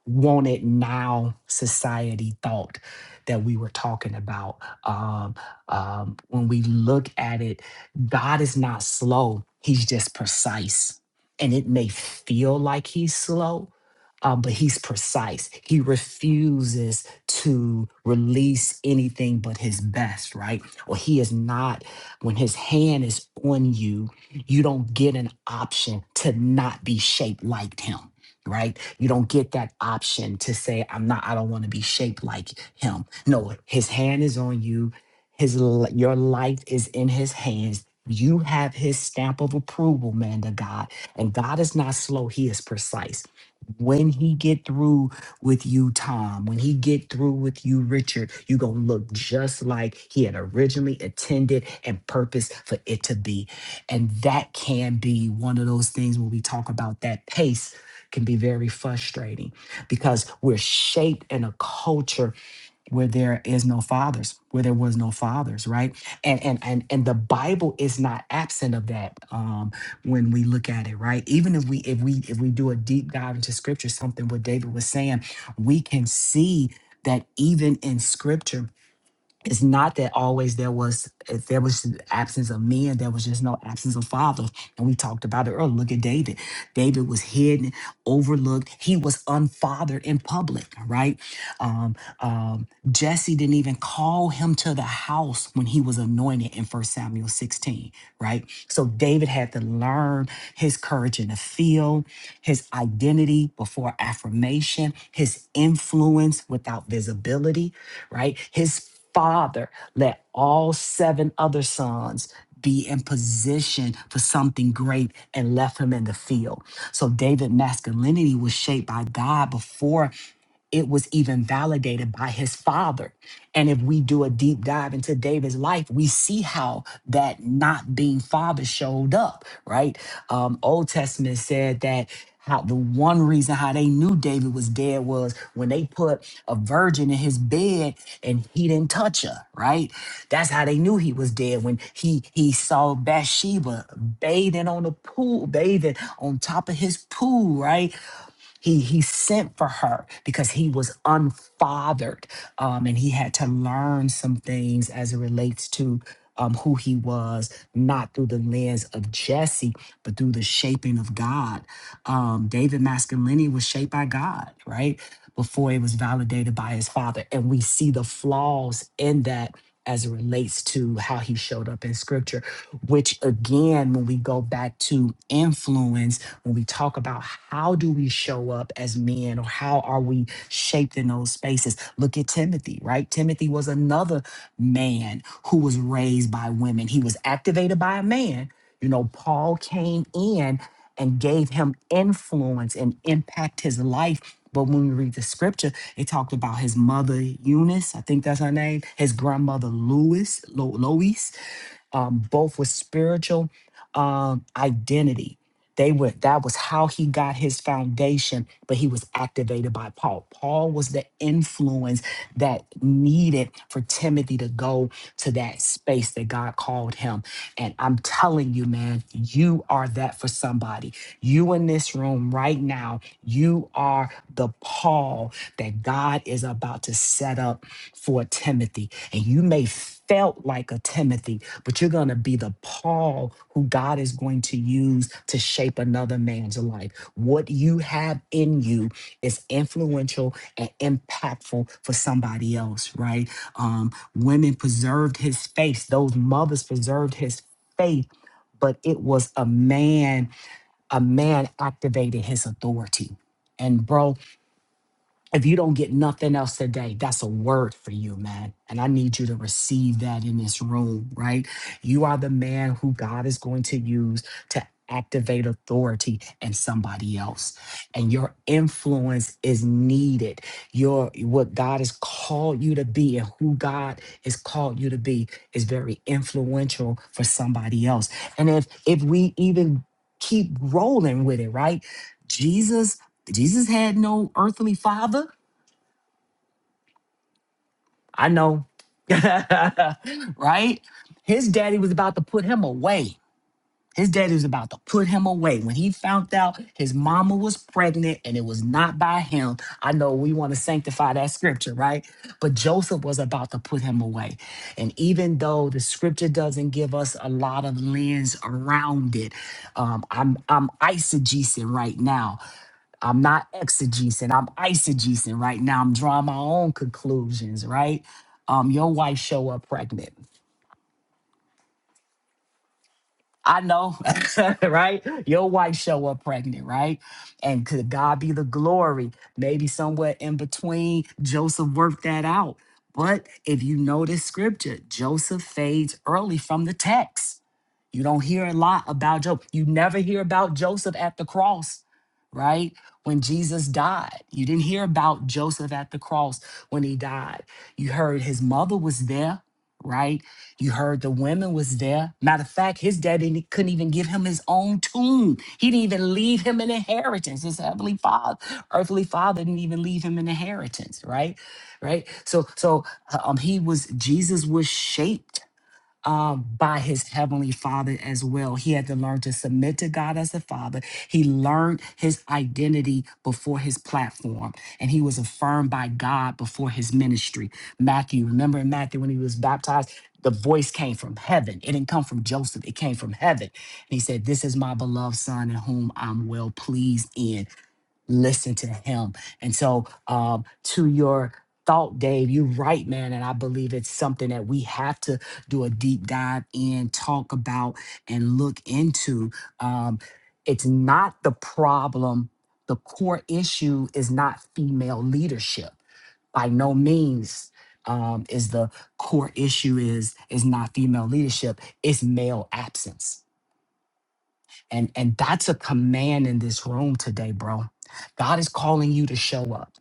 Speaker 4: want it now society thought that we were talking about. Um, um, when we look at it, God is not slow, He's just precise. And it may feel like He's slow. Um, but he's precise. He refuses to release anything but his best, right? Or he is not, when his hand is on you, you don't get an option to not be shaped like him right? You don't get that option to say, I'm not, I don't want to be shaped like him. No, his hand is on you. His l- your life is in his hands. You have his stamp of approval, man to God. And God is not slow, he is precise. When he get through with you, Tom, when he get through with you, Richard, you gonna look just like he had originally intended and purposed for it to be. And that can be one of those things when we talk about that pace can be very frustrating because we're shaped in a culture where there is no fathers, where there was no fathers, right? And and and and the Bible is not absent of that um, when we look at it, right? Even if we if we if we do a deep dive into Scripture, something what David was saying, we can see that even in Scripture it's not that always there was if there was an absence of men there was just no absence of father and we talked about it earlier look at david david was hidden overlooked he was unfathered in public right um, um, jesse didn't even call him to the house when he was anointed in First samuel 16 right? So David had to learn his courage in the field, his identity before affirmation, his influence without visibility, right? His father let all seven other sons be in position for something great and left him in the field. So David masculinity was shaped by God before it was even validated by his father. And if we do a deep dive into David's life, we see how that not being father showed up, right? Um, Old Testament said that how the one reason how they knew David was dead was when they put a virgin in his bed and he didn't touch her, right? That's how they knew he was dead when he he saw Bathsheba bathing on the pool, bathing on top of his pool, right? He he sent for her because he was unfathered, um, and he had to learn some things as it relates to um, who he was, not through the lens of Jesse, but through the shaping of God. Um, David masculinity was shaped by God, right? Before it was validated by his father, and we see the flaws in that as it relates to how he showed up in scripture, which again, when we go back to influence, when we talk about how do we show up as men or how are we shaped in those spaces, look at Timothy, right? Timothy was another man who was raised by women, he was activated by a man. You know, Paul came in and gave him influence and impact his life but when we read the scripture, it talked about his mother Eunice, I think that's her name, his grandmother Louis, Lo- Lois. Um, both with spiritual um, identity they were that was how he got his foundation, but he was activated by Paul. Paul was the influence that needed for Timothy to go to that space that God called him. And I'm telling you, man, you are that for somebody. You in this room right now, you are the Paul that God is about to set up for Timothy. And you may felt like a Timothy, but you're going to be the Paul who God is going to use to shape another man's life. What you have in you is influential and impactful for somebody else, right? Um, women preserved his faith; those mothers preserved his faith, but it was a man, a man activated his authority. And bro, if you don't get nothing else today, that's a word for you, man. And I need you to receive that in this room, right? You are the man who God is going to use to activate authority in somebody else. And your influence is needed. Your what God has called you to be and who God has called you to be is very influential for somebody else. And if if we even keep rolling with it, right? Jesus Jesus had no earthly father. I know, right? His daddy was about to put him away. His daddy was about to put him away. When he found out his mama was pregnant and it was not by him, I know we want to sanctify that scripture, right? But Joseph was about to put him away. And even though the scripture doesn't give us a lot of lens around it, um, I'm, I'm eisegesing right now I'm not exegesing, I'm eisegesing right now. I'm drawing my own conclusions, right? Um, your wife show up pregnant. I know, right? Your wife show up pregnant, right? And could God be the glory? Maybe somewhere in between, Joseph worked that out. But if you notice scripture, Joseph fades early from the text. You don't hear a lot about Joseph. You never hear about Joseph at the cross, right? When Jesus died, you didn't hear about Joseph at the cross when he died. You heard his mother was there, right? You heard the women was there. Matter of fact, his daddy didn't, couldn't even give him his own tomb. He didn't even leave him an inheritance. His heavenly father, earthly father didn't even leave him an inheritance, right? Right? So so uh, um he was Jesus was shaped um, by his heavenly father as well. He had to learn to submit to God as the father. He learned his identity before his platform, and he was affirmed by God before his ministry. Matthew, remember in Matthew when he was baptized? The voice came from heaven. It didn't come from Joseph. It came from heaven. And he said, This is my beloved son in whom I'm well pleased in listen to him. And so, um, to your thought, Dave, you're right, man. And I believe it's something that we have to do a deep dive in, talk about, and look into. Um, it's not the problem. The core issue is not female leadership by no means um, is the core issue is is not female leadership it's male absence and and that's a command in this room today, bro. God is calling you to show up.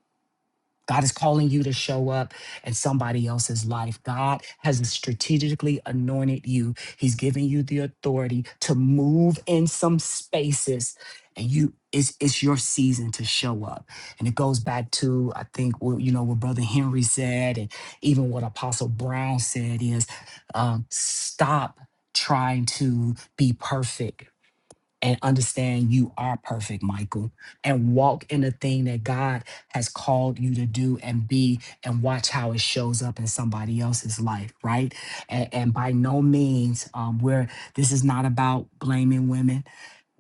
Speaker 4: God is calling you to show up in somebody else's life. God has strategically anointed you. He's given you the authority to move in some spaces and you it's it's your season to show up. And it goes back to I think what you know what brother Henry said and even what apostle Brown said is um, stop trying to be perfect and understand you are perfect, Michael, and walk in the thing that God has called you to do and be, and watch how it shows up in somebody else's life, right? And, and by no means, um, where this is not about blaming women.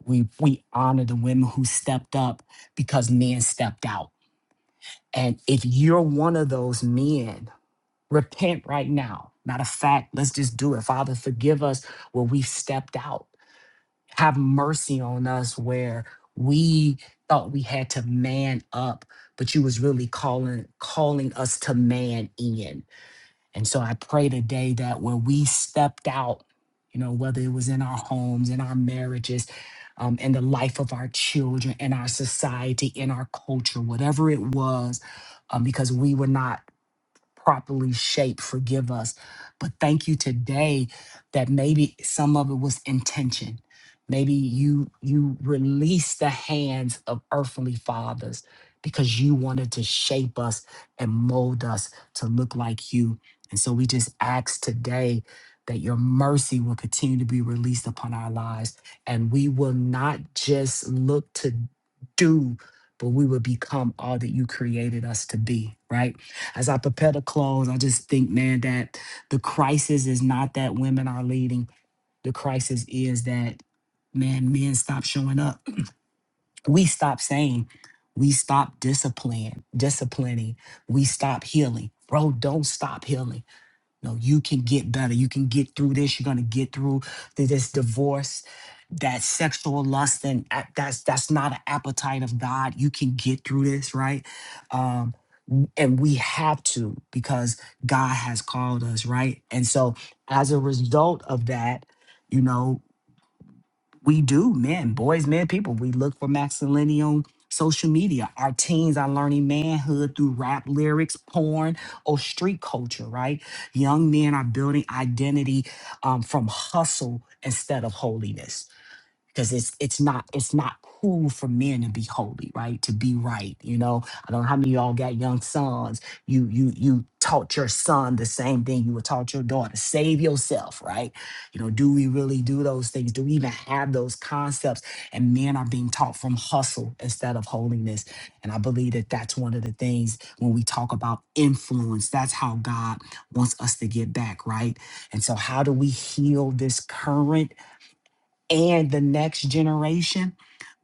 Speaker 4: We we honor the women who stepped up because men stepped out. And if you're one of those men, repent right now. Matter of fact, let's just do it. Father, forgive us where we've stepped out have mercy on us where we thought we had to man up but you was really calling calling us to man in and so i pray today that when we stepped out you know whether it was in our homes in our marriages um, in the life of our children in our society in our culture whatever it was um, because we were not properly shaped. Forgive us. But thank you today that maybe some of it was intention. Maybe you you released the hands of earthly fathers because you wanted to shape us and mold us to look like you. And so we just ask today that your mercy will continue to be released upon our lives. And we will not just look to do, but we will become all that you created us to be, right? As I prepare to close, I just think, man, that the crisis is not that women are leading. The crisis is that, man, men stop showing up. We stop saying, we stop discipline, disciplining. We stop healing. Bro, don't stop healing no, you can get better. You can get through this. You're gonna get through th- this divorce, that sexual lust, and a- that's that's not an appetite of God. You can get through this, right? Um, w- and we have to because God has called us, right? And so, as a result of that, you know. We do, men, boys, men, people. We look for masculinity on social media. Our teens are learning manhood through rap lyrics, porn, or street culture, right? Young men are building identity um, from hustle instead of holiness because it's it's not it's not cool for men to be holy right to be right you know i don't know how many of y'all got young sons you you you taught your son the same thing you were taught your daughter save yourself right you know do we really do those things do we even have those concepts and men are being taught from hustle instead of holiness and i believe that that's one of the things when we talk about influence that's how god wants us to get back right and so how do we heal this current and the next generation,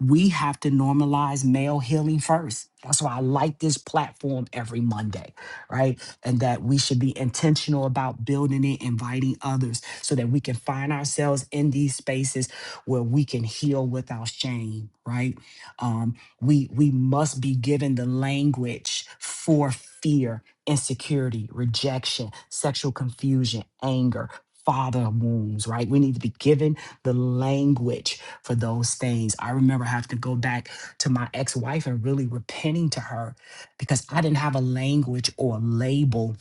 Speaker 4: we have to normalize male healing first. That's why I like this platform every Monday, right? And that we should be intentional about building it, inviting others so that we can find ourselves in these spaces where we can heal without shame, right? Um, we we must be given the language for fear, insecurity, rejection, sexual confusion, anger, father wounds, right? We need to be given the language for those things. I remember having to go back to my ex wife and really repenting to her because I didn't have a language or a label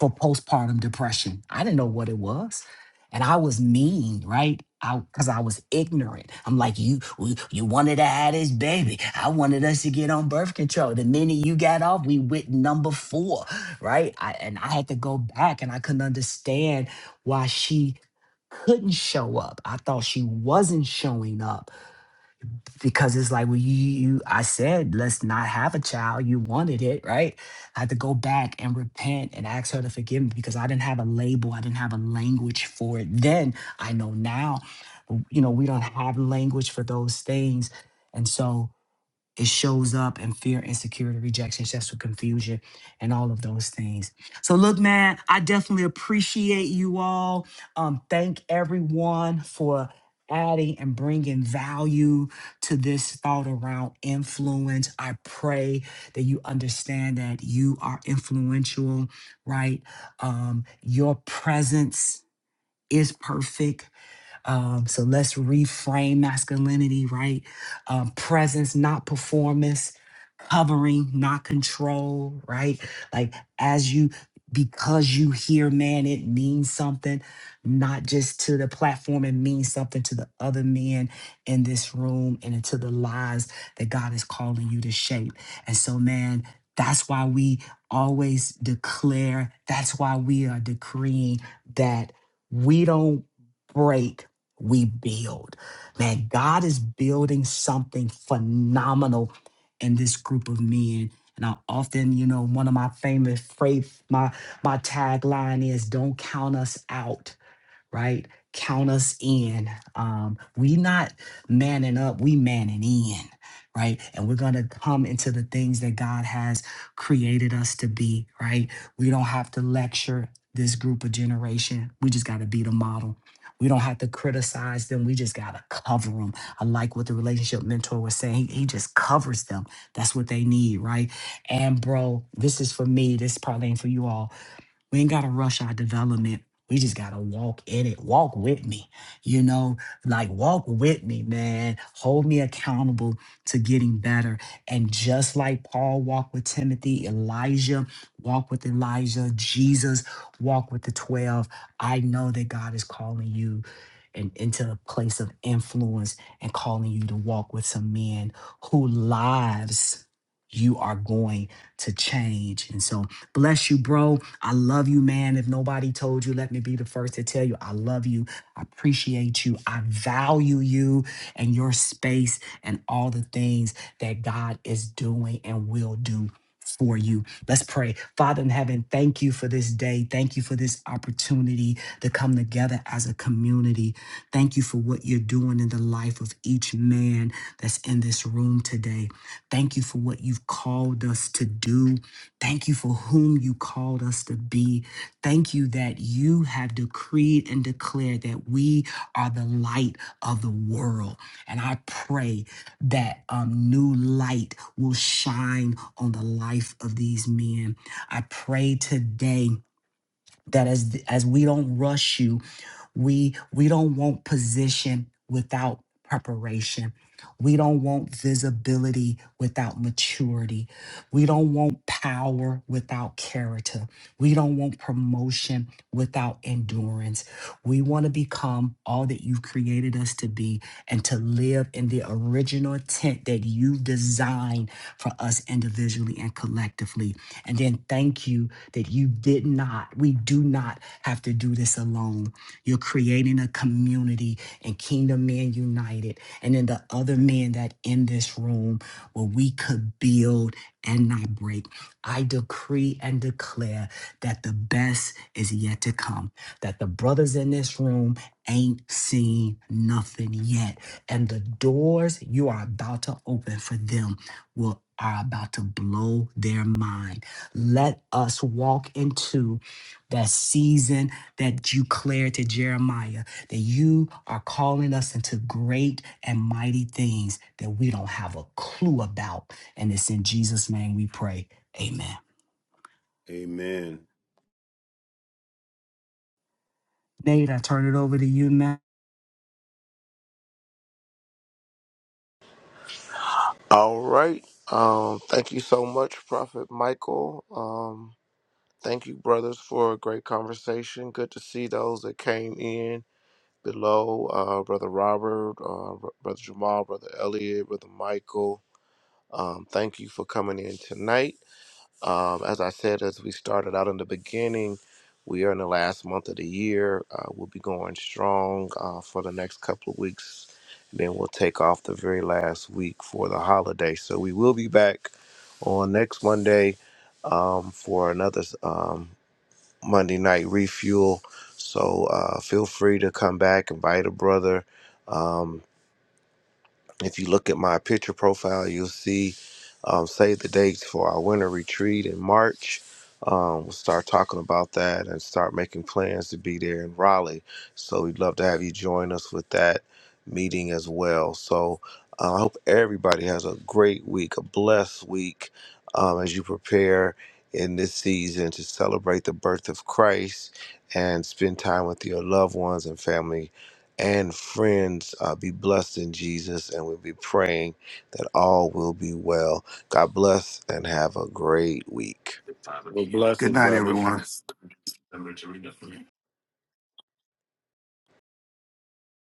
Speaker 4: for postpartum depression. I didn't know what it was. And I was mean, right? I Because I was ignorant. I'm like, you, we- you wanted to have this baby. I wanted us to get on birth control. The minute you got off, we went number four, right? I, and I had to go back, and I couldn't understand why she couldn't show up. I thought she wasn't showing up because it's like, well, you, you I said, let's not have a child. You wanted it, right? I had to go back and repent and ask her to forgive me because I didn't have a label. I didn't have a language for it. Then I know now, you know, we don't have language for those things. And so it shows up in fear, insecurity, rejection, stressful confusion, and all of those things. So, look, man, I definitely appreciate you all. Um, thank everyone for adding and bringing value to this thought around influence. I pray that you understand that you are influential, right? Um, your presence is perfect um, so let's reframe masculinity, right? Um, presence, not performance, covering, not control, right? Like as you, because you hear man, it means something, not just to the platform, it means something to the other men in this room and into the lives that God is calling you to shape. And so, man, that's why we always declare, that's why we are decreeing that we don't break we build. Man, God is building something phenomenal in this group of men. And I often, you know, one of my famous phrase, my my tagline is don't count us out right? Count us in. Um, we not manning up, we manning in, right? And we're gonna come into the things that God has created us to be, right? We don't have to lecture this group of generation. We just gotta be the model. We don't have to criticize them. We just gotta cover them. I like what the relationship mentor was saying. He, he just covers them. That's what they need, right? And bro, this is for me. This probably ain't for you all we ain't gotta rush our development. We just gotta walk in it. Walk with me. You know, like walk with me, man. Hold me accountable to getting better. And just like Paul walked with Timothy, Elijah walked with Elijah, Jesus walked with the 12. I know that God is calling you and into a place of influence and calling you to walk with some men who lives you are going to change. And so Bless you, bro. I love you, man. If nobody told you, let me be the first to tell you I love you. I appreciate you. I value you and your space and all the things that God is doing and will do. For you. Let's pray. Father in heaven, thank you for this day. Thank you for this opportunity to come together as a community. Thank you for what you're doing in the life of each man that's in this room today. Thank you for what you've called us to do Thank you for whom you called us to be. Thank you that you have decreed and declared that we are the light of the world. And I pray that um, new light will shine on the life of these men. I pray today that as as we don't rush you we we don't want position without preparation. We don't want visibility without maturity. We don't want power without character. We don't want promotion without endurance. We want to become all that you've created us to be and to live in the original intent that you've designed for us individually and collectively. And then thank you that you did not, we do not have to do this alone. You're creating a community and Kingdom Men United, and then the other men that in this room where we could build and not break. I decree and declare that the best is yet to come, that the brothers in this room ain't seen nothing yet, and the doors you are about to open for them will are about to blow their mind. Let us walk into that season that you declared to Jeremiah that you are calling us into great and mighty things that we don't have a clue about. And it's in Jesus' name we pray. Amen.
Speaker 7: Amen.
Speaker 4: Nate, I turn it over to you, man.
Speaker 1: All right. Um, thank you so much, Prophet Michael. Um, thank you, brothers, for a great conversation. Good to see those that came in. below uh, Brother Robert, uh, Brother Jamal, Brother Elliot, Brother Michael. Um, thank you for coming in tonight. Um, as I said, as we started out in the beginning, we are in the last month of the year. Uh, we'll be going strong uh, for the next couple of weeks. And then we'll take off the very last week for the holiday. So we will be back on next Monday um, for another. Um, Monday Night Refuel. So uh, feel free to come back, invite a brother. Um, if you look at my picture profile, you'll see um, save the dates for our winter retreat in March. Um, we'll start talking about that and start making plans to be there in Raleigh. So we'd love to have you join us with that meeting as well. So uh, I hope everybody has a great week, a blessed week um, as you prepare in this season to celebrate the birth of Christ and spend time with your loved ones and family and friends uh, be blessed in Jesus, and we'll be praying that all will be well. God bless and have a great week.
Speaker 7: Well, blessing, brothers.